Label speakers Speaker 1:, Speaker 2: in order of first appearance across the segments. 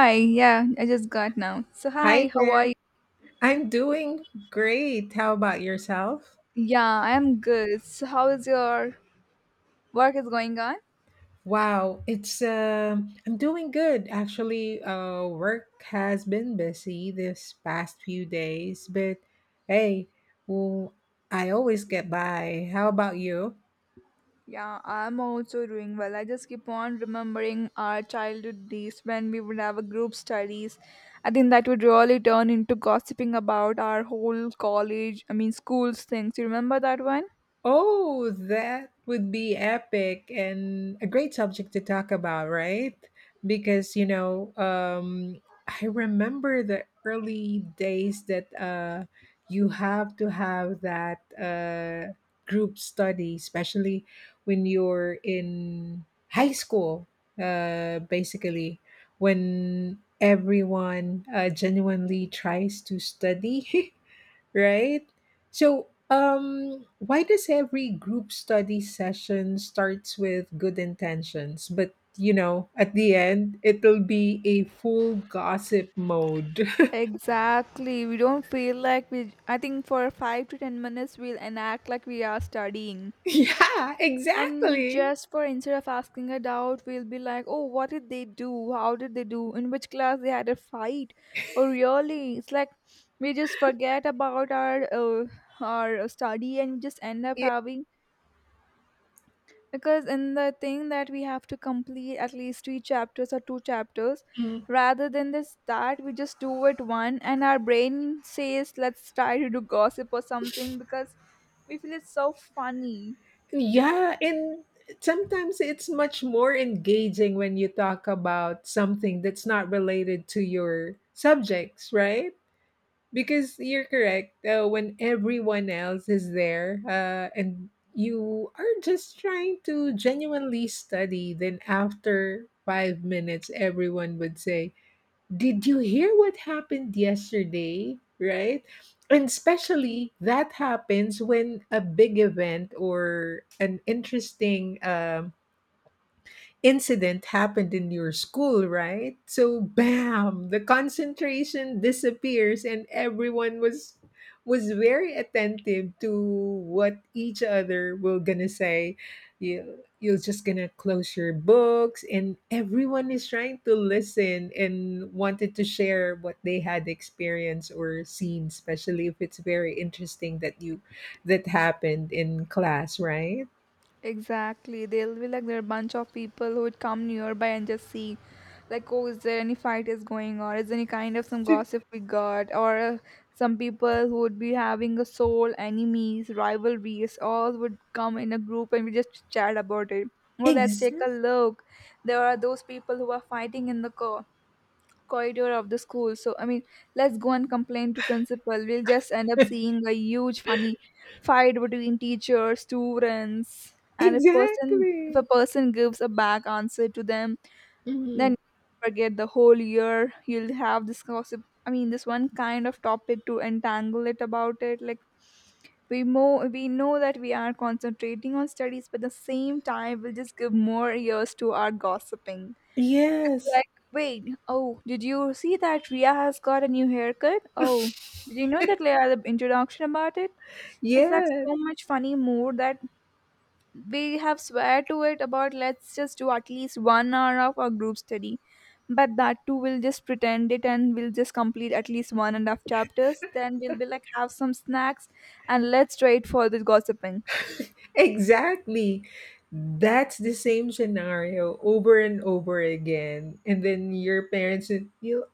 Speaker 1: Hi, yeah, I just got now. So, hi,
Speaker 2: Hi
Speaker 1: how are you?
Speaker 2: there. I'm doing great. How about yourself?
Speaker 1: Yeah, I'm good. So, how is your work is going on?
Speaker 2: Wow, it's I'm doing good actually. Work has been busy this past few days, but hey, well, I always get by. How about you?
Speaker 1: Yeah, I'm also doing well. I just keep on remembering our childhood days when we would have a group studies. I think that would really turn into gossiping about our whole college, I mean, schools things. You remember that one?
Speaker 2: Oh, that would be epic and a great subject to talk about, right? Because, I remember the early days that you have to have that group study, especially when you're in high school, basically, when everyone genuinely tries to study. Right? So, why does every group study session starts with good intentions, but, at the end, it'll be a full gossip mode.
Speaker 1: Exactly. We don't feel like we, I think for 5 to 10 minutes, we'll enact like we are studying.
Speaker 2: Yeah,
Speaker 1: And
Speaker 2: exactly.
Speaker 1: just for instead of asking a doubt, we'll be like, oh, what did they do? How did they do? In which class they had a fight? Oh, really? It's like we just forget about our study and we just end up
Speaker 2: Yeah.
Speaker 1: having because in the thing that we have to complete at least three chapters or two chapters,
Speaker 2: Mm.
Speaker 1: rather than this that we just do it one and our brain says let's try to do gossip or something because we feel it's so funny.
Speaker 2: Yeah, and sometimes it's much more engaging when you talk about something that's not related to your subjects, right? Because you're correct, when everyone else is there, and you are just trying to genuinely study, then after 5 minutes everyone would say, did you hear what happened yesterday, right? And especially that happens when a big event or an interesting incident happened in your school, right? So bam, the concentration disappears, and everyone was very attentive to what each other were gonna say. You're just gonna close your books, and everyone is trying to listen and wanted to share what they had experienced or seen, especially if it's very interesting that you that happened in class, right?
Speaker 1: Exactly. They'll be like there are a bunch of people who would come nearby and just see, like, oh, is there any fight is going on? Is there any kind of some gossip we got? Or some people who would be having a soul enemies, rivalries, all would come in a group and we just chat about it. Oh, let's take
Speaker 2: Exactly.
Speaker 1: a look. There are those people who are fighting in the co corridor of the school. So I mean, let's go and complain to principal. We'll just end up seeing a huge funny fight between teachers, students, and if a
Speaker 2: Exactly.
Speaker 1: person gives a back answer to them,
Speaker 2: Mhm.
Speaker 1: then forget the whole year. You'll have this gossip. I mean, this one kind of topic to entangle it about it. Like we mo we know that we are concentrating on studies, but at the same time, we'll just give more ears to our gossiping
Speaker 2: Yes.
Speaker 1: like, wait, oh, did you see that Ria has got a new haircut? Oh, did you know that Leia the introduction about it? It's like
Speaker 2: Yes.
Speaker 1: so much funny mood that we have swear to it about let's just do at least 1 hour of our group study. But that too we'll just pretend it and we'll just complete at least one and a half chapters. Then we'll be like have some snacks and let's wait for the gossiping.
Speaker 2: Exactly. That's the same scenario over and over again. And then your parents will.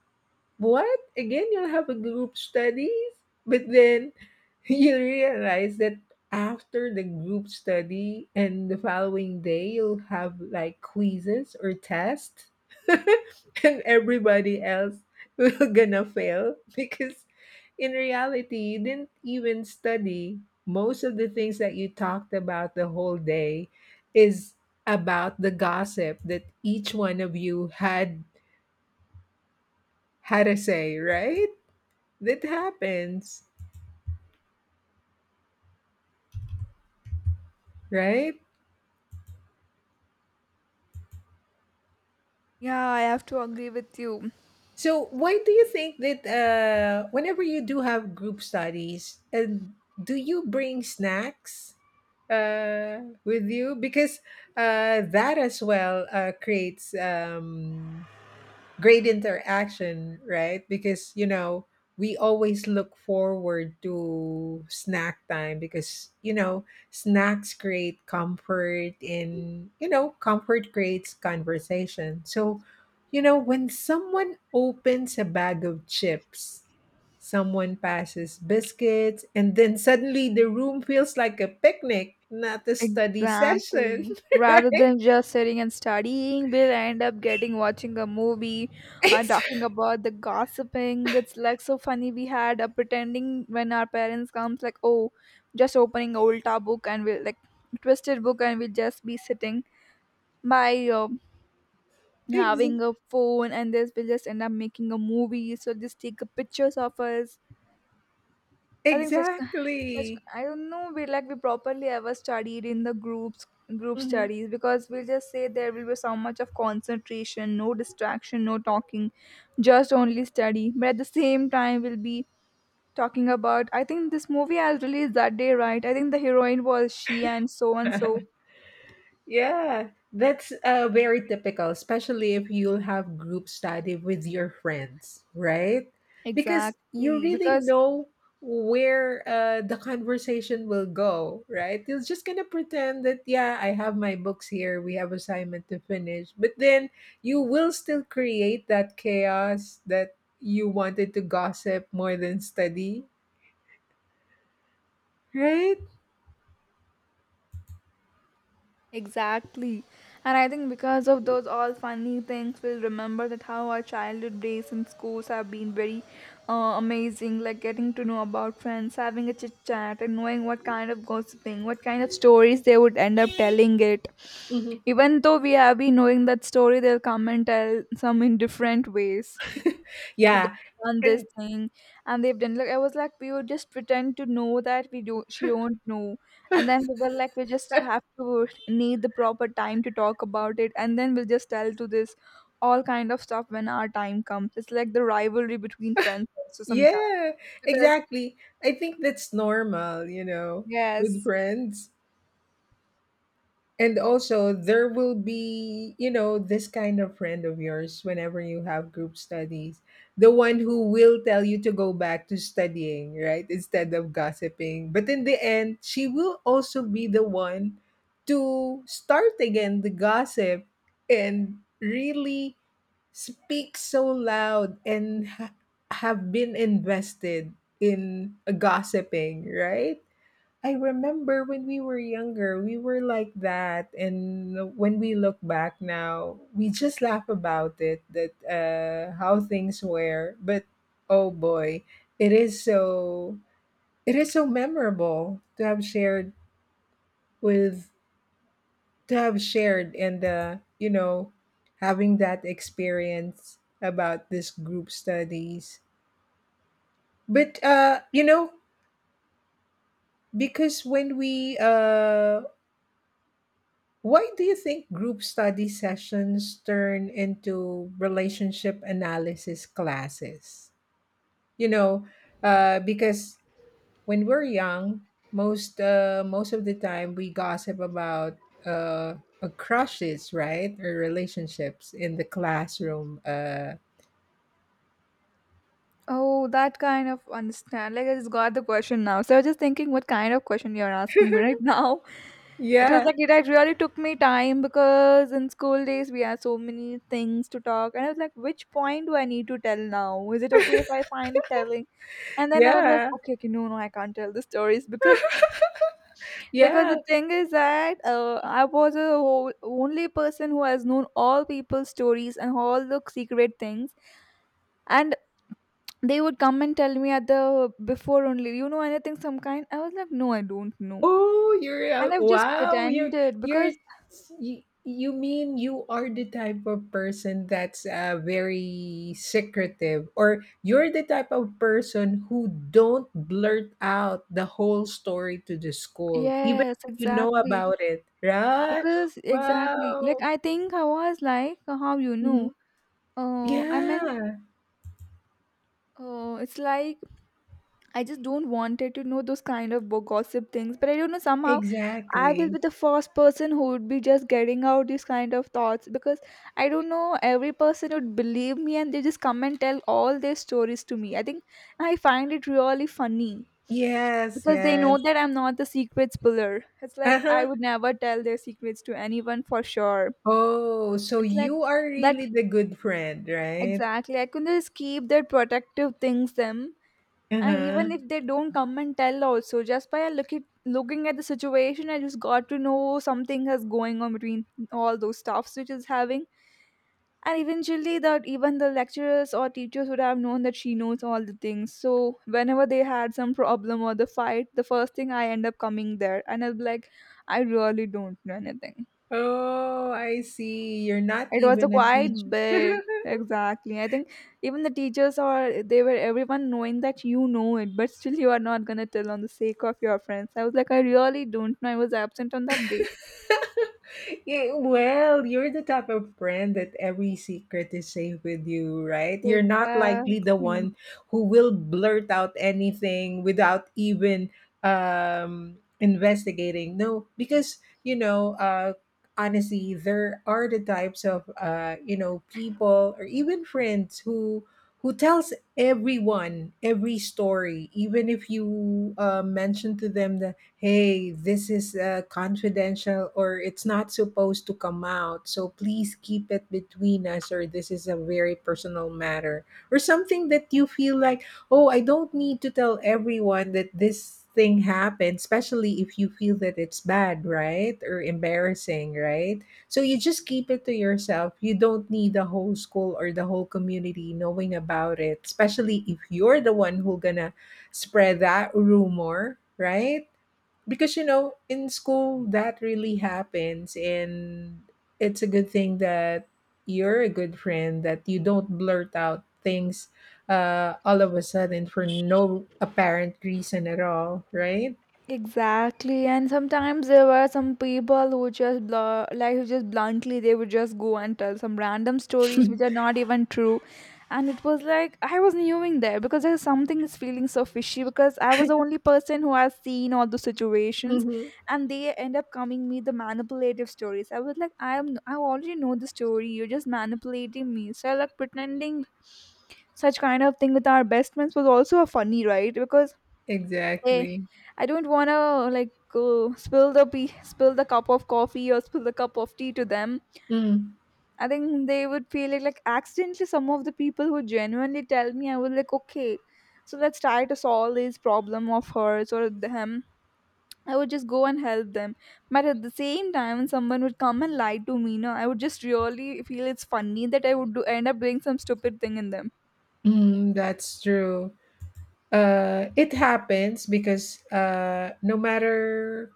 Speaker 2: What? Again, you'll have a group studies, but then you realize that after the group study and the following day, you'll have like quizzes or tests, and everybody else will gonna fail because in reality, you didn't even study. Most of the things that you talked about the whole day is about the gossip that each one of you had had a say, right? That happens, right?
Speaker 1: Yeah, I have to agree with you.
Speaker 2: So why do you think that, whenever you do have group studies, and do you bring snacks with you? Because, that as well creates great interaction, right? Because, we always look forward to snack time because, snacks create comfort, and, comfort creates conversation. So, when someone opens a bag of chips. Someone passes biscuits, and then suddenly the room feels like a picnic, not a study session.
Speaker 1: Exactly. Rather than just sitting and studying, we'll end up getting watching a movie, talking
Speaker 2: Ex-
Speaker 1: about the gossiping. It's like so funny we had pretending when our parents comes like, oh, just opening old tab book and we'll like twisted book and we'll just be sitting by
Speaker 2: ex-
Speaker 1: having a phone and this will just end up making a movie. So just take a pictures of us. I think such
Speaker 2: exactly.
Speaker 1: I don't know we like we properly ever studied in the group
Speaker 2: Mhm.
Speaker 1: studies because we'll just say there will be so much of concentration, no distraction, no talking, just only study. But at the same time we'll be talking about I think this movie has released that day, right? I think the heroine was she and so and so.
Speaker 2: Yeah, that's very typical, especially if you have group study with your friends, right? Because you
Speaker 1: Exactly.
Speaker 2: really
Speaker 1: Because
Speaker 2: know where the conversation will go, right? You're just gonna pretend that, yeah, I have my books here, we have assignment to finish, but then you will still create that chaos that you wanted to gossip more than study, right?
Speaker 1: exactly. And I think because of those all funny things, we'll remember that how our childhood days in schools have been very amazing, like getting to know about friends, having a chit chat, and knowing what kind of gossiping, what kind of stories they would end up telling it.
Speaker 2: Mhm.
Speaker 1: Even though we have been knowing that story, they'll come and tell some in different ways. So
Speaker 2: Yeah,
Speaker 1: they've done this thing and they've done like I was like we would just pretend to know that we do she don't know, and then we were like we just have to need the proper time to talk about it and then we'll just tell to this all kind of stuff when our time comes. It's like the rivalry between friends also sometimes
Speaker 2: yeah,
Speaker 1: because
Speaker 2: exactly. I think that's normal, with
Speaker 1: yes.
Speaker 2: friends. And also, there will be, this kind of friend of yours whenever you have group studies, the one who will tell you to go back to studying, right? Instead of gossiping. But in the end, she will also be the one to start again the gossip and really speak so loud and have been invested in gossiping, right? I remember when we were younger, we were like that. And when we look back now, we just laugh about it that how things were. But oh boy, it is so it is so memorable with to have shared and, having that experience about this group studies. But, you know, because when we Why do you think group study sessions turn into relationship analysis classes? You know, because when we're young, most of the time we gossip about, uh, crushes, right, or relationships in the classroom.
Speaker 1: Oh, that kind of understand. Like I just got the question now. So I was just thinking what kind of question you're asking me right now. It was
Speaker 2: Yeah,
Speaker 1: like it had really took me time because in school days we had so many things to talk, and I was like, which point do I need to tell now? Is it okay if I finally telling? And then I was like,
Speaker 2: yeah,
Speaker 1: okay, okay, no, no, I can't tell the stories because
Speaker 2: yeah.
Speaker 1: the thing is that I was a whole, only person who has known all people's stories and all the secret things, and they would come and tell me at the before only, you know anything some kind? I was like, no, I don't know,
Speaker 2: Oh,
Speaker 1: and I've just
Speaker 2: wow.
Speaker 1: pretended
Speaker 2: You're
Speaker 1: because
Speaker 2: you mean you are the type of person that's very secretive, or you're the type of person who don't blurt out the whole story to the school, even
Speaker 1: yes,
Speaker 2: if you know
Speaker 1: exactly.
Speaker 2: about it, right?
Speaker 1: Because exactly, like
Speaker 2: Wow.
Speaker 1: I think I was like, how you
Speaker 2: Mhm.
Speaker 1: know? I mean,
Speaker 2: Yeah.
Speaker 1: it's like I just don't wanted to know those kind of bo- gossip things. But I don't know somehow I will be
Speaker 2: Exactly.
Speaker 1: the first person who would be just getting out these kind of thoughts because I don't know every person would believe me and they just come and tell all their stories to me. I think I find it really funny
Speaker 2: Yes.
Speaker 1: because they know
Speaker 2: Yes.
Speaker 1: that I'm not the secret spiller. It's like
Speaker 2: Uh
Speaker 1: I
Speaker 2: huh.
Speaker 1: would never tell their secrets to anyone for sure.
Speaker 2: Oh, so
Speaker 1: It's like
Speaker 2: you are
Speaker 1: that
Speaker 2: really the good friend, right?
Speaker 1: exactly. I can just keep their protective things them,
Speaker 2: Uh
Speaker 1: and
Speaker 2: huh.
Speaker 1: even if they don't come and tell, also just looking at the situation, I just got to know something has going on between all those stuffs which is having. And eventually, that even the lecturers or teachers would have known that she knows all the things. So whenever they had some problem or the fight, the first thing I end up coming there, and I'll be like, I really don't know anything.
Speaker 2: Oh, I see. You're not
Speaker 1: It was a
Speaker 2: even a
Speaker 1: quiet
Speaker 2: teacher.
Speaker 1: bit. Exactly. I think even the teachers or they were everyone knowing that you know it, but still you are not gonna tell on the sake of your friends. I was like, I really don't know. I was absent on that day.
Speaker 2: Yeah, well, you're the type of friend that every secret is safe with you, right? You're not likely the
Speaker 1: Exactly.
Speaker 2: one who will blurt out anything without even investigating. No, because, you know, uh, honestly, there are the types of, people or even friends who tells everyone every story even if you mention to them that, hey, this is confidential, or it's not supposed to come out. So please keep it between us, or this is a very personal matter. Or something that you feel like, oh, I don't need to tell everyone that this thing happened, especially if you feel that it's bad, right? Or embarrassing, right? So you just keep it to yourself. You don't need the whole school or the whole community knowing about it, especially if you're the one who gonna spread that rumor, right? Because you know in school that really happens, and it's a good thing that you're a good friend, that you don't blurt out things all of a sudden for no apparent reason at all, right?
Speaker 1: Exactly, and sometimes there were some people who like who just bluntly they would just go and tell some random stories which are not even true, and it was like I was knowing there because there's something is feeling so fishy because I was the only person who has seen all the situations,
Speaker 2: Mm-hmm.
Speaker 1: and they end up coming me the manipulative stories. I was like, I already know the story. You're just manipulating me. So like pretending such kind of thing with our best friends was also a funny right because hey,
Speaker 2: Exactly.
Speaker 1: I don't want to like go spill the cup of coffee or spill the cup of tea to them.
Speaker 2: Mm.
Speaker 1: I think they would feel like accidentally some of the people who genuinely tell me I was like okay, so let's try to solve this problem of hers or them. I would just go and help them. But at the same time, when someone would come and lie to me, no, I would just really feel it's funny that end up doing some stupid thing in them.
Speaker 2: Mm, that's true. It happens because, no matter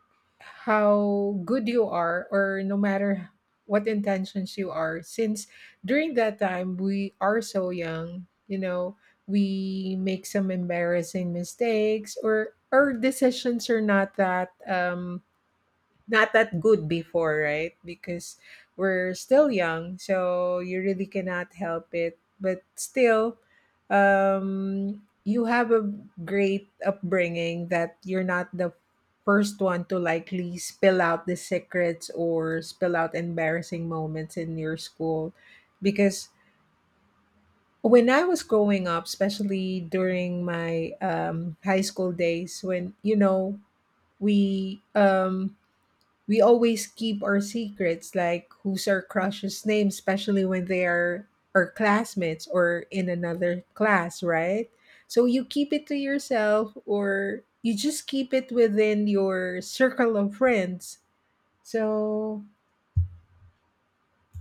Speaker 2: how good you are, or no matter what intentions you are, since during that time we are so young, we make some embarrassing mistakes, or our decisions are not that good before, right? Because we're still young, so you really cannot help it. But still, you have a great upbringing that you're not the first one to likely spill out the secrets or spill out embarrassing moments in your school. Because when I was growing up, especially during my high school days, when, we um, we always keep our secrets, like who's our crush's name, especially when they are our classmates or in another class, right? So you keep it to yourself, or you just keep it within your circle of friends. So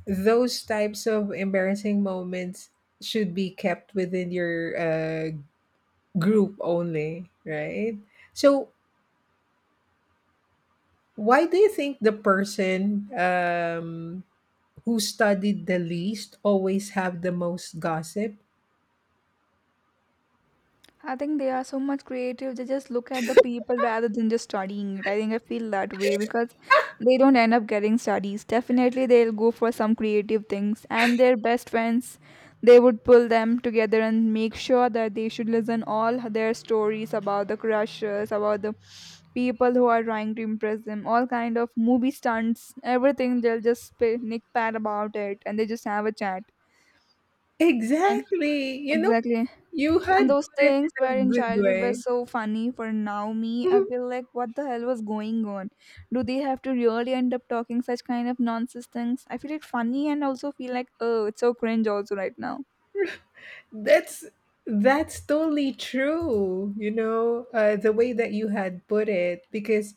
Speaker 2: those types of embarrassing moments should be kept within your group only, right? So why do you think the person, who studied the least always have the most gossip?
Speaker 1: I think they are so much creative. They just look at the people rather than just studying it. I think I feel that way because they don't end up getting studies. Definitely, they'll go for some creative things, and their best friends, they would pull them together and make sure that they should listen all their stories about the crushes, about the people who are trying to impress them, all kind of movie stunts, everything. They'll nick pat about it, and they just have a chat. And
Speaker 2: Exactly. You know,
Speaker 1: exactly,
Speaker 2: you
Speaker 1: and
Speaker 2: had
Speaker 1: those
Speaker 2: put it
Speaker 1: things
Speaker 2: in
Speaker 1: were
Speaker 2: a
Speaker 1: in
Speaker 2: good
Speaker 1: childhood were
Speaker 2: way.
Speaker 1: so funny for now me. I feel like what the hell was going on? Do they have to really end up talking such kind of nonsense things? I feel it funny and also feel like oh it's so cringe also right now.
Speaker 2: that's that's totally true. You know, the way that you had put it, because,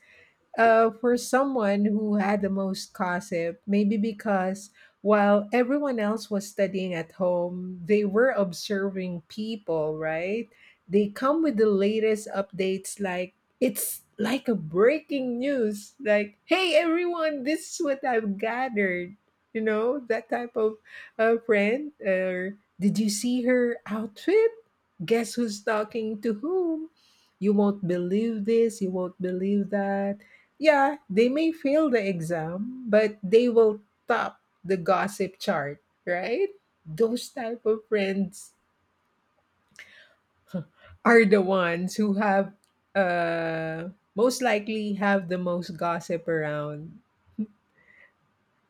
Speaker 2: for someone who had the most gossip, maybe because while everyone else was studying at home, they were observing people, right? They come with the latest updates, like it's like a breaking news, like, hey, everyone, this is what I've gathered. You know, that type of friend. Or did you see her outfit? Guess who's talking to whom? You won't believe this, you won't believe that. Yeah, they may fail the exam, but they will top the gossip chart, right? Those type of friends are the ones who have uh most likely have the most gossip around.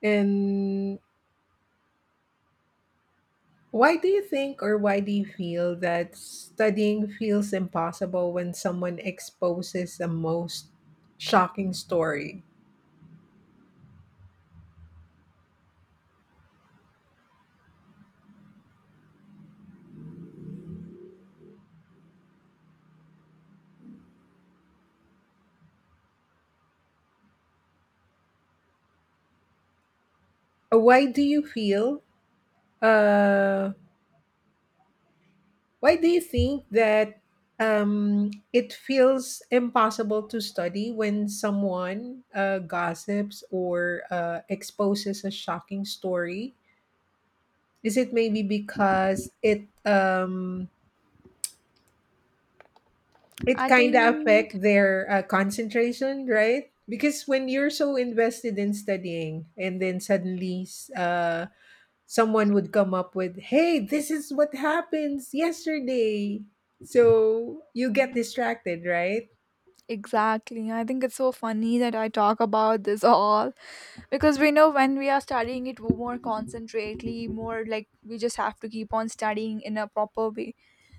Speaker 2: And why do you think or why do you feel that studying feels impossible when someone exposes the most shocking story? Why do you feel uh Why do you think that, it feels impossible to study when someone gossips or exposes a shocking story? Is it maybe because it
Speaker 1: I
Speaker 2: kind of
Speaker 1: think
Speaker 2: affect their concentration, right? Because when you're so invested in studying, and then suddenly, uh, someone would come up with, "Hey, this is what happens yesterday," so you get
Speaker 1: mm,
Speaker 2: distracted, right?
Speaker 1: exactly. I think it's so funny that I talk about this all, because we know when we are studying it more concentrately, more like we just have to keep on studying in a proper way.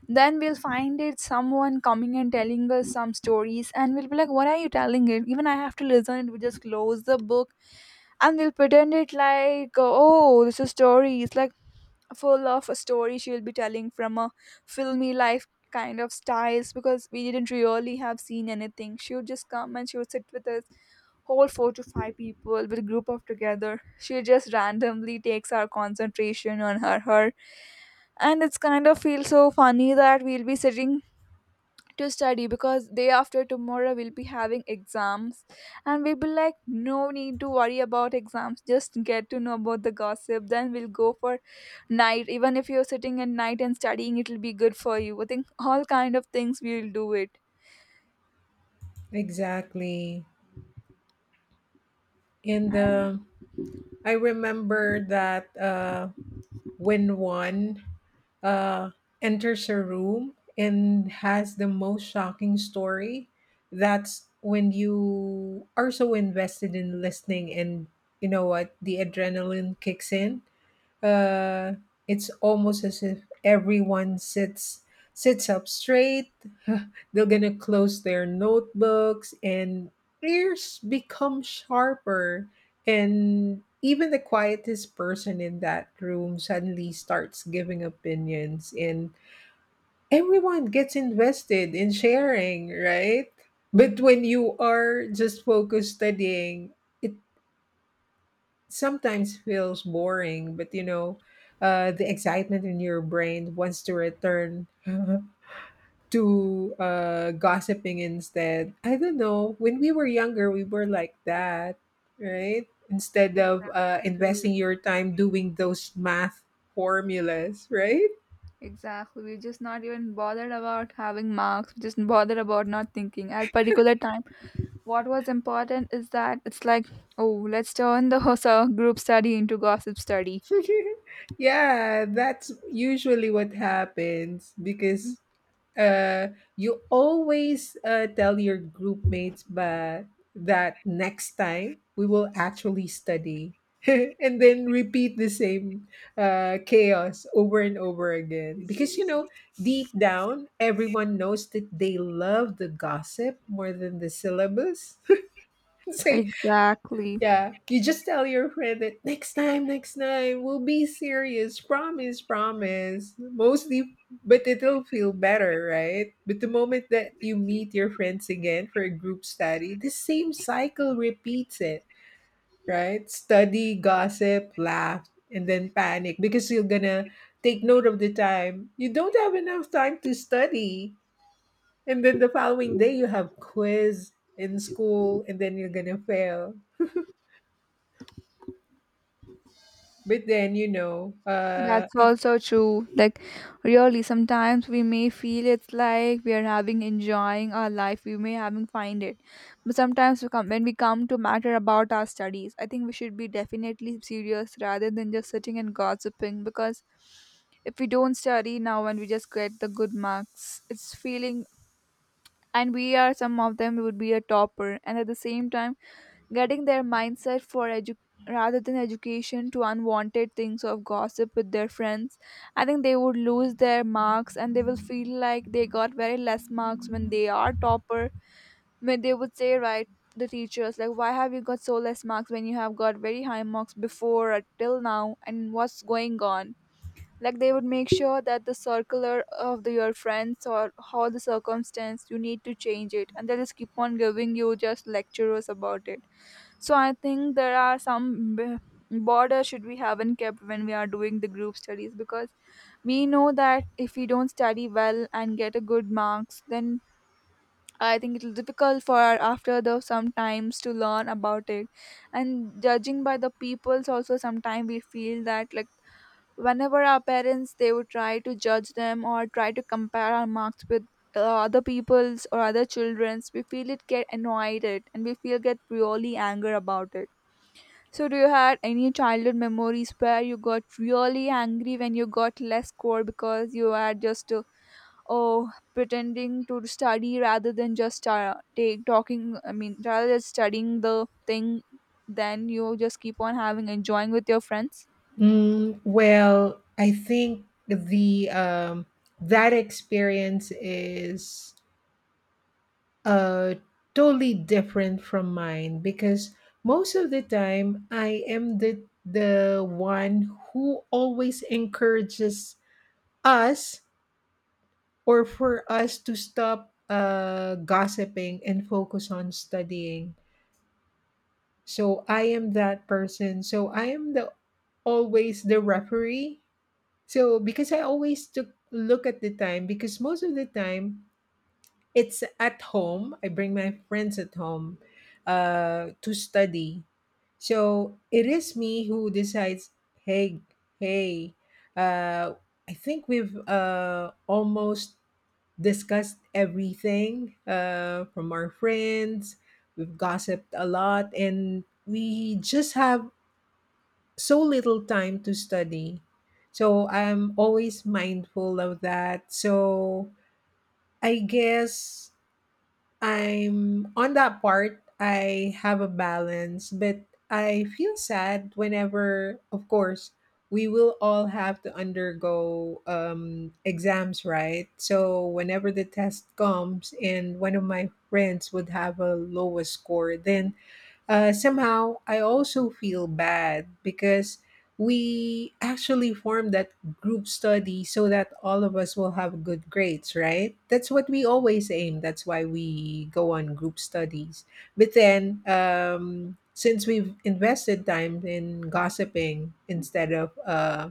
Speaker 1: Then we'll find it someone coming and telling us some stories, and we'll be like, what are you telling it, even I have to listen it, we just close the book and we'll pretend it like, oh, this is a story. It's like full of a story she'll be telling from a filmy life kind of styles, because we didn't really have seen anything. She would just come and she would sit with us, whole four to five people with a group of together. She just randomly takes our concentration on her. And it's kind of feels so funny that we'll be sitting to study, because day after tomorrow we'll be having exams, and we'll be like, no need to worry about exams, just get to know about the gossip, then we'll go for night. Even if you're sitting at night and studying, it'll be good for you. I think all kind of things we'll do it.
Speaker 2: Exactly. And
Speaker 1: And
Speaker 2: uh, I remember that, when one uh, enters a room and has the most shocking story, that's when you are so invested in listening, and you know what, the adrenaline kicks in. Uh, it's almost as if everyone sits up straight. They're gonna close their notebooks and ears become sharper. And even the quietest person in that room suddenly starts giving opinions, and everyone gets invested in sharing, right? But when you are just focused studying, it sometimes feels boring, but, the excitement in your brain wants to return to, gossiping instead. I don't know. When we were younger, we were like that, right? Instead of
Speaker 1: exactly,
Speaker 2: investing your time doing those math formulas, right?
Speaker 1: exactly, we're just not even bothered about having marks, we're just bothered about not thinking at particular time. What was important is that it's like, oh, let's turn the whole group study into gossip study.
Speaker 2: Yeah, that's usually what happens because, uh, you always tell your group mates but that next time we will actually study and then repeat the same chaos over and over again because, deep down everyone knows that they love the gossip more than the syllabus so
Speaker 1: Exactly.
Speaker 2: yeah, you just tell your friend that next time, we'll be serious. Promise, promise. Mostly, but it'll feel better, right? But the moment that you meet your friends again for a group study, the same cycle repeats it, right? Study, gossip, laugh, and then panic because you're gonna take note of the time. You don't have enough time to study. And then the following day, you have quiz in school, and then you're gonna fail. But then, you know, uh,
Speaker 1: That's
Speaker 2: I,
Speaker 1: also true. Like, really, sometimes we may feel it's like we are having enjoying our life. We may having find it, but sometimes we come when we come to matter about our studies. I think we should be definitely serious rather than just sitting and gossiping. Because if we don't study now and we just get the good marks, it's feeling. And we are some of them would be a topper, and at the same time getting their mindset for rather than education to unwanted things of gossip with their friends. I think they would lose their marks and they will feel like they got very less marks when they are topper. When they would say, right, the teachers like, why have you got so less marks when you have got very high marks before or till now and what's going on? Like, they would make sure that the circular of the, your friends or how the circumstance you need to change it, and they just keep on giving you just lectures about it. So I think there are some border should we haven't kept when we are doing the group studies, because we know that if we don't study well and get a good marks, then I think it'll difficult for our after the sometimes to learn about it. And judging by the peoples also sometimes we feel that like whenever our parents they would try to judge them or try to compare our marks with other people's or other children's, we feel it get annoyed it and we feel get really anger about it. So, do you had any childhood memories where you got really angry when you got less score because you were just oh pretending to study rather than just take talking? I mean, rather than studying the thing, then you just keep on having enjoying with your friends.
Speaker 2: mm, well, I think the that experience is uh, totally different from mine because most of the time I am the one who always encourages us or for us to stop gossiping and focus on studying. So I am that person. So I am the always the referee. So because I always took look at the time because most of the time it's at home. I bring my friends at home to study. So it is me who decides. Hey, hey, uh, I think we've almost discussed everything from our friends. We've gossiped a lot, and we just have so little time to study. So I'm always mindful of that. So I guess I'm on that part, I have a balance, but I feel sad whenever, of course, we will all have to undergo exams, right? So whenever the test comes and one of my friends would have a lowest score, then somehow, I also feel bad because we actually formed that group study so that all of us will have good grades, right? That's what we always aim. That's why we go on group studies. But then, since we've invested time in gossiping instead of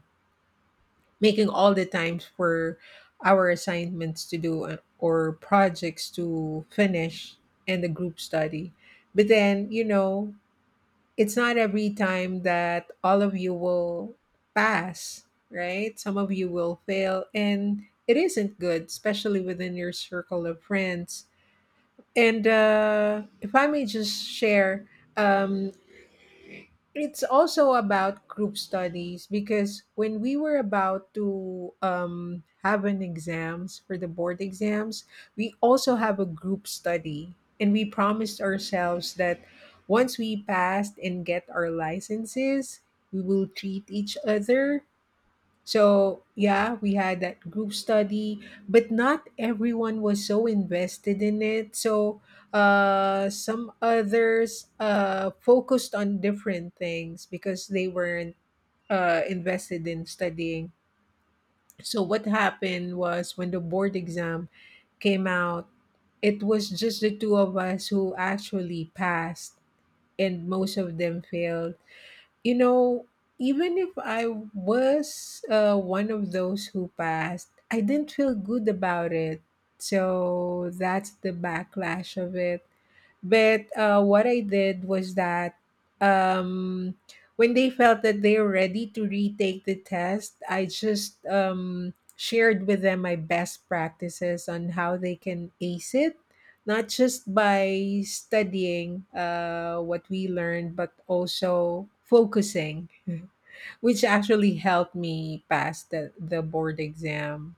Speaker 2: making all the times for our assignments to do or projects to finish and the group study, but then, it's not every time that all of you will pass, right? Some of you will fail, and it isn't good, especially within your circle of friends. And if I may just share, um, it's also about group studies because when we were about to have an exams for the board exams. We also have a group study, and we promised ourselves that once we passed and get our licenses we will treat each other. So, yeah, we had that group study, but not everyone was so invested in it. So, some others focused on different things because they weren't invested in studying. So, what happened was when the board exam came out, it was just the two of us who actually passed, and most of them failed. You know, Even if I was one of those who passed, I didn't feel good about it. So that's the backlash of it. But what I did was that um, when they felt that they're ready to retake the test, I just shared with them my best practices on how they can ace it, not just by studying what we learned, but also focusing, which actually helped me pass the board exam.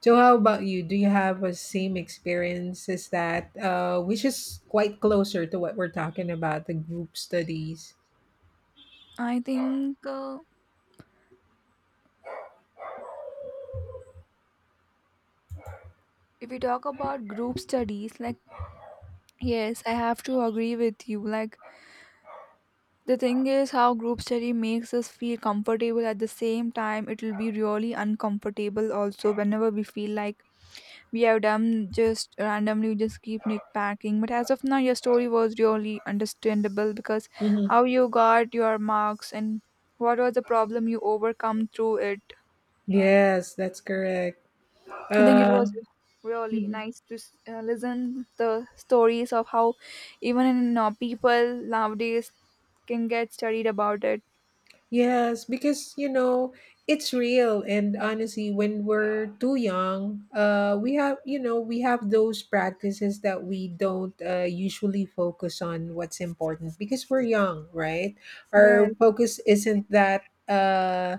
Speaker 2: So how about you? Do you have a same experience as that, which is quite closer to what we're talking about, the group studies?
Speaker 1: I think if we talk about group studies, like, yes, I have to agree with you. Like, the thing is, how group study makes us feel comfortable, at the same time it will be really uncomfortable also whenever we feel like we have done just randomly, we just keep nitpacking. But as of now, your story was really understandable because
Speaker 2: Hmm.
Speaker 1: how you got your marks and what was the problem you overcome through it.
Speaker 2: Yes, that's correct.
Speaker 1: I think it
Speaker 2: Uh,
Speaker 1: was really
Speaker 2: mhm.
Speaker 1: nice to listen the stories of how even in, people nowadays can get studied about it.
Speaker 2: Yes, because it's real, and honestly, when we're too young, we have those practices that we don't usually focus on what's important because we're young, right?
Speaker 1: Yes.
Speaker 2: Our focus isn't that.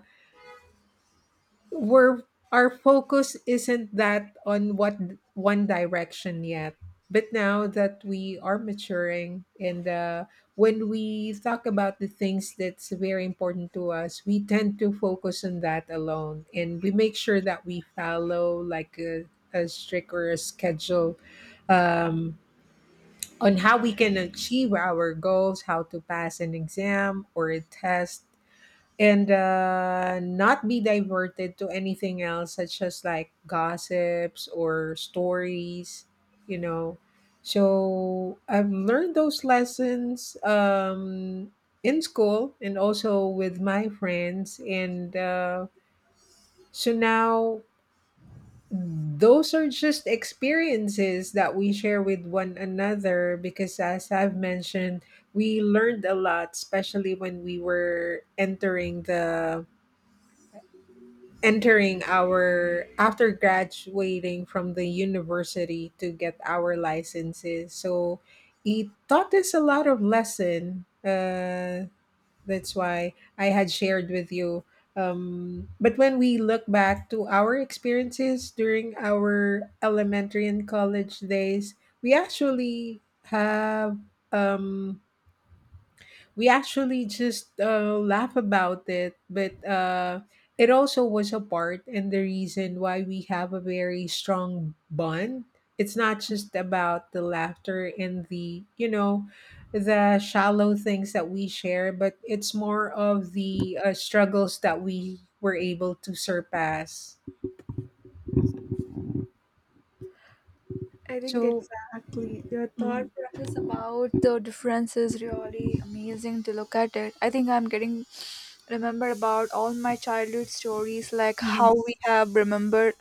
Speaker 2: We're our focus isn't that on what one direction yet. But now that we are maturing and when we talk about the things that's very important to us we tend to focus on that alone, and we make sure that we follow like a strict or a schedule, um, on how we can achieve our goals, how to pass an exam or a test, and not be diverted to anything else such as like gossips or stories, you know. So I've learned those lessons, in school and also with my friends, and so now those are just experiences that we share with one another because as I've mentioned we learned a lot especially when we were entering our, after graduating from the university, to get our licenses. So he taught us a lot of lesson, that's why I had shared with you. But when we look back to our experiences during our elementary and college days, we actually have um, we actually just laugh about it, but it also was a part and the reason why we have a very strong bond. It's not just about the laughter and the you know the shallow things that we share, but it's more of the struggles that we were able to surpass.
Speaker 1: I think
Speaker 2: So
Speaker 1: exactly your thought
Speaker 2: mhm.
Speaker 1: process about the difference is really amazing to look at it. I think I'm getting remember about all my childhood stories, like how
Speaker 2: Mhm.
Speaker 1: we have remembered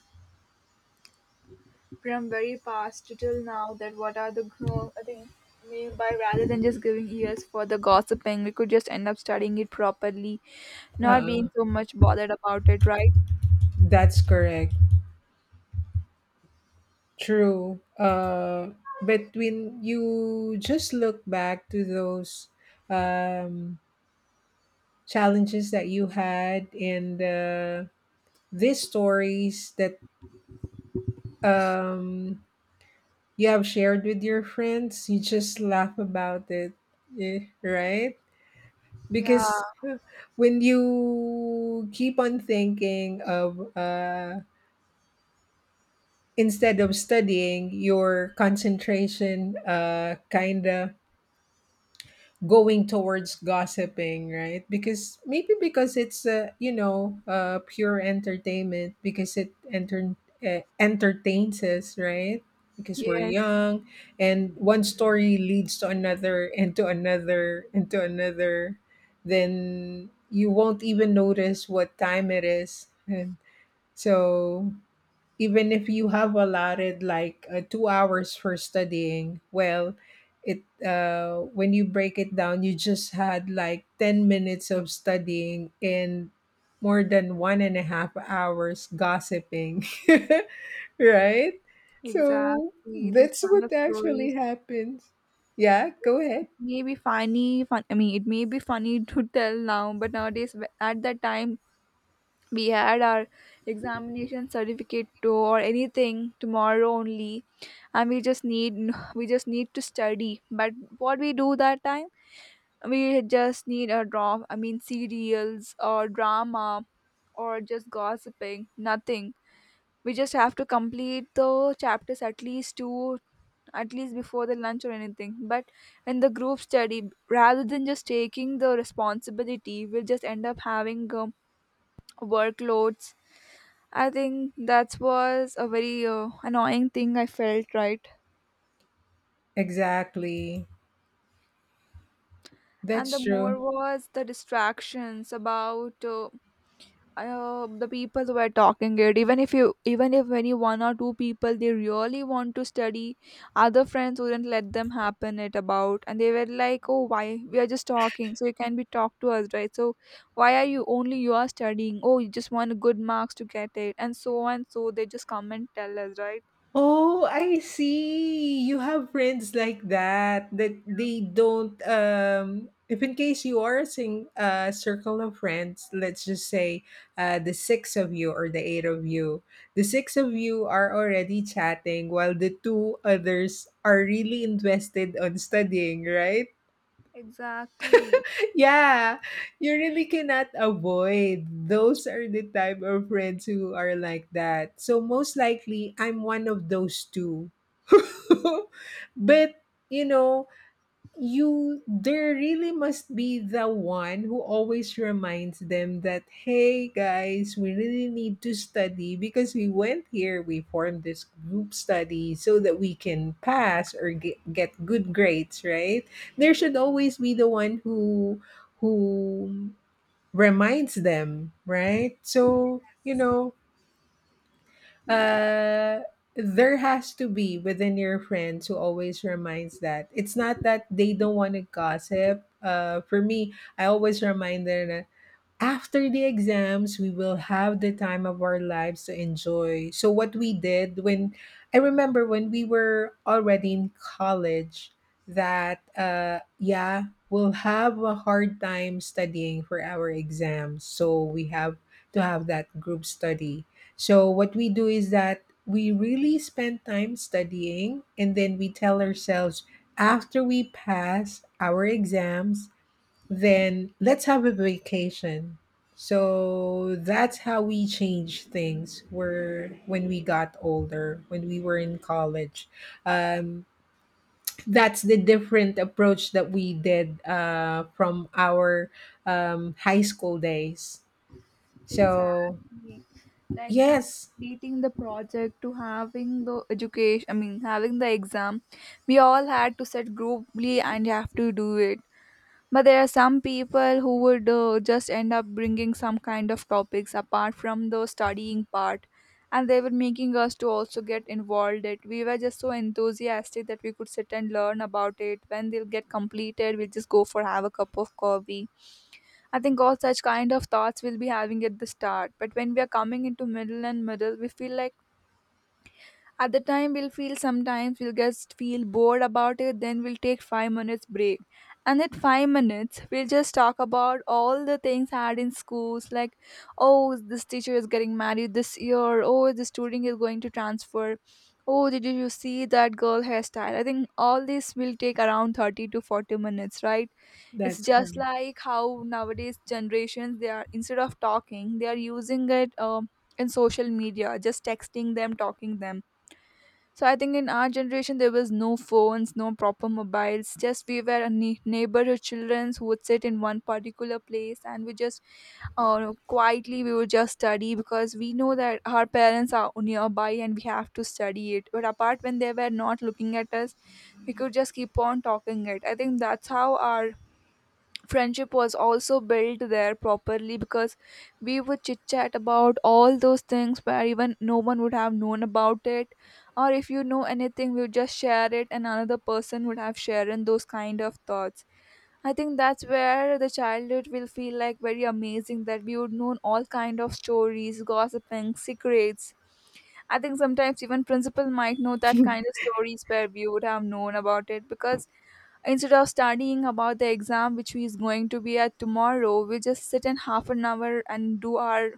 Speaker 1: from very past to till now that what are the grown. I think by rather than just giving ears for the gossiping, we could just end up studying it properly, not being
Speaker 2: Uh,
Speaker 1: so much bothered about it, right?
Speaker 2: that's correct. True. But when you just look back to those, um, challenges that you had, and these stories that, um, you have shared with your friends, you just laugh about it, eh, right?
Speaker 1: Yeah,
Speaker 2: Because when you keep on thinking of, instead of studying, your concentration, kind of going towards gossiping, right? Because maybe because it's, pure entertainment because it entertains us, right? Because we're
Speaker 1: yes,
Speaker 2: young, and one story leads to another and to another and to another, then you won't even notice what time it is. And so even if you have allotted like 2 hours for studying, well, it when you break it down you just had like 10 minutes of studying and more than 1.5 hours gossiping right? So
Speaker 1: exactly. These
Speaker 2: that's
Speaker 1: kind of
Speaker 2: what actually
Speaker 1: stories
Speaker 2: happens. Yeah, go ahead.
Speaker 1: may be funny fun, I mean, it may be funny to tell now but nowadays at that time we had our examination certificate to or anything tomorrow only, and we just need we just need to study, but what we do that time, we just need a draw, I mean, serials or drama or just gossiping, nothing. We just have to complete the chapters at least two, at least before the lunch or anything. But in the group study, rather than just taking the responsibility, we'll just end up having workloads. I think that was a very annoying thing I felt, right?
Speaker 2: Exactly.
Speaker 1: And the
Speaker 2: That's true.
Speaker 1: more was the distractions about the people were talking it. Even if you even if any one or two people they really want to study, other friends wouldn't let them happen it about, and they were like, oh, why we are just talking so you can be talked to us, right? So why are you only you are studying, oh, you just want good marks to get it, and so they just come and tell us, right?
Speaker 2: Oh, I see. You have friends like that they don't if in case you are a sing a circle of friends, let's just say the six of you or the eight of you, the six of you are already chatting while the two others are really invested on studying, right?
Speaker 1: Exactly.
Speaker 2: Yeah, you really cannot avoid. Those are the type of friends who are like that. So most likely, I'm one of those two. But you know, you there really must be the one who always reminds them that hey guys we really need to study because we went here, we formed this group study so that we can pass or get good grades, right? There should always be the one who reminds them, right? So uh there has to be within your friends who always reminds that it's not that they don't want to gossip. For me, I always remind them, after the exams we will have the time of our lives to enjoy. So what we did when, I remember when we were already in college, that yeah, we'll have a hard time studying for our exams, so we have to have that group study. So what we do is that we really spend time studying, and then we tell ourselves after we pass our exams, then let's have a vacation. So that's how we changed things were when we got older, when we were in college. Um, that's the different approach that we did from our high school days. So,
Speaker 1: Exactly. Like, from
Speaker 2: yes,
Speaker 1: completing the project to having the education, I mean, having the exam, we all had to sit grouply and have to do it. But there are some people who would just end up bringing some kind of topics apart from the studying part, and they were making us to also get involved. It, we were just so enthusiastic that we could sit and learn about it. When they'll get completed, we'll just go for have a cup of coffee. I think all such kind of thoughts we'll be having at the start. But when we are coming into middle and middle, we feel like at the time we'll feel, sometimes we'll just feel bored about it, then we'll take 5 minutes break. And at 5 minutes, we'll just talk about all the things had in schools, like, oh, this teacher is getting married this year, oh, this student is going to transfer, oh, did you see that girl hairstyle? I think all this will take around 30 to 40 minutes, right? It's
Speaker 2: that's
Speaker 1: just
Speaker 2: correct.
Speaker 1: like how nowadays generations they are, instead of talking, they are using it in social media, just texting them, talking them. So I think in our generation there was no phones, no proper mobiles. Just we were a neighborhood children who would sit in one particular place, and we just quietly we would just study because we know that our parents are nearby and we have to study it. But apart when they were not looking at us, we could just keep on talking it. I think that's how our friendship was also built there properly, because we would chit chat about all those things where even no one would have known about it, or if you know anything we would just share it and another person would have shared in those kind of thoughts. I think that's where the childhood will feel like very amazing, that we would know all kind of stories, gossiping, secrets. I think sometimes even principal might know that kind of stories where we would have known about it, because instead of studying about the exam which we is going to be at tomorrow, we just sit in half an hour and do our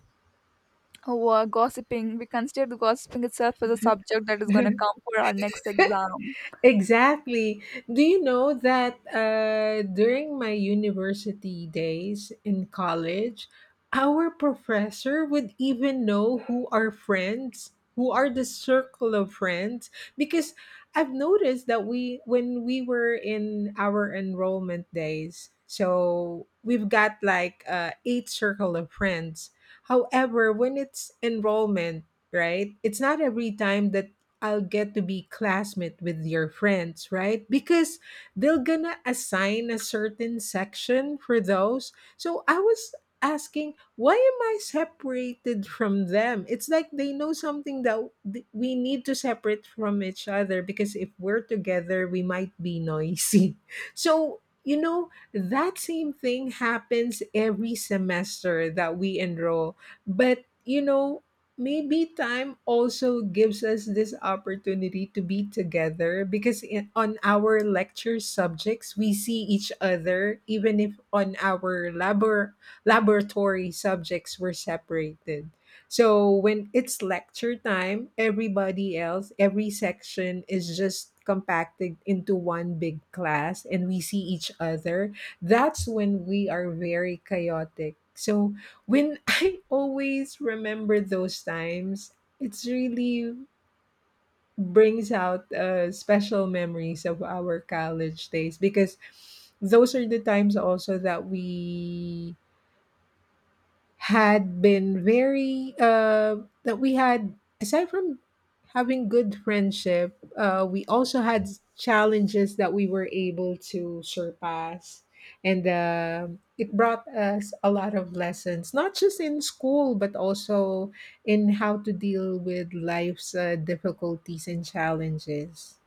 Speaker 1: work gossiping. We consider the gossiping itself as a subject that is going to come for our next exam.
Speaker 2: Exactly. Do you know that, during my university days in college, our professor would even know who are friends, who are the circle of friends, because I've noticed that we, when we were in our enrollment days, so we've got like eight circle of friends. However, when it's enrollment, right? It's not every time that I'll get to be classmate with your friends, right? Because they're gonna assign a certain section for those. So I was asking, why am I separated from them? It's like they know something that we need to separate from each other because if we're together, we might be noisy. So, that same thing happens every semester that we enroll. But, maybe time also gives us this opportunity to be together because on our lecture subjects we see each other. Even if on our laboratory subjects we're separated, so when it's lecture time, everybody else, every section is just compacted into one big class and we see each other. That's when we are very chaotic. So when I always remember those times, it's really brings out special memories of our college days because those are the times also that we had been very that we had, aside from having good friendship, we also had challenges that we were able to surpass, and it brought us a lot of lessons not just in school but also in how to deal with life's difficulties and challenges.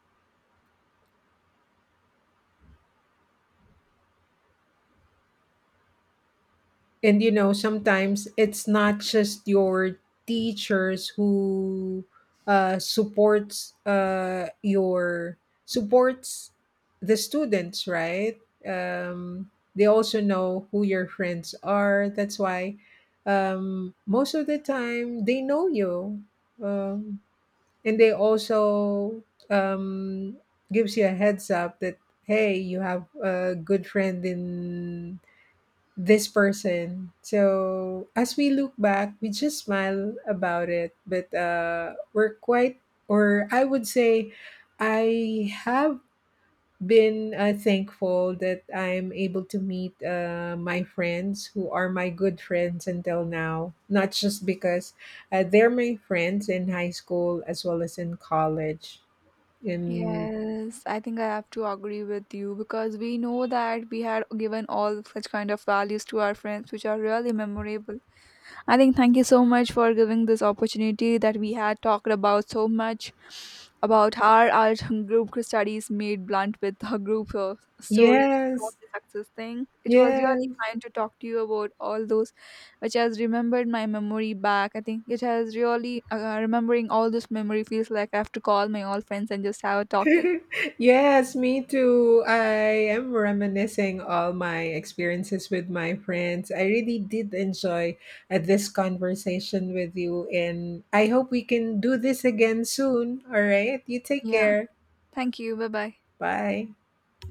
Speaker 2: And sometimes it's not just your teachers who supports your supports the students, right? Um, they also know who your friends are. That's why, most of the time they know you, um, and they also, um, gives you a heads up that hey, you have a good friend in this person. So as we look back, we just smile about it, but we're quite, or I would say, I have been thankful that I'm able to meet my friends who are my good friends until now. Not just because they're my friends in high school as well as in college. And
Speaker 1: Yes, I think I have to agree with you because we know that we had given all such kind of values to our friends, which are really memorable. I think thank you so much for giving this opportunity that we had talked about so much about how our group studies made blunt with her group stories about
Speaker 2: yes,
Speaker 1: the success thing. It was really
Speaker 2: yes.
Speaker 1: fun to talk to you about all those, which has remembered my memory back. I think it has really remembering all this memory feels like I have to call my all friends and just have a talk. It,
Speaker 2: Yes, me too. I am reminiscing all my experiences with my friends. I really did enjoy this conversation with you, and I hope we can do this again soon. All right, you take
Speaker 1: yeah.
Speaker 2: care.
Speaker 1: Thank you. Bye bye.
Speaker 2: Bye.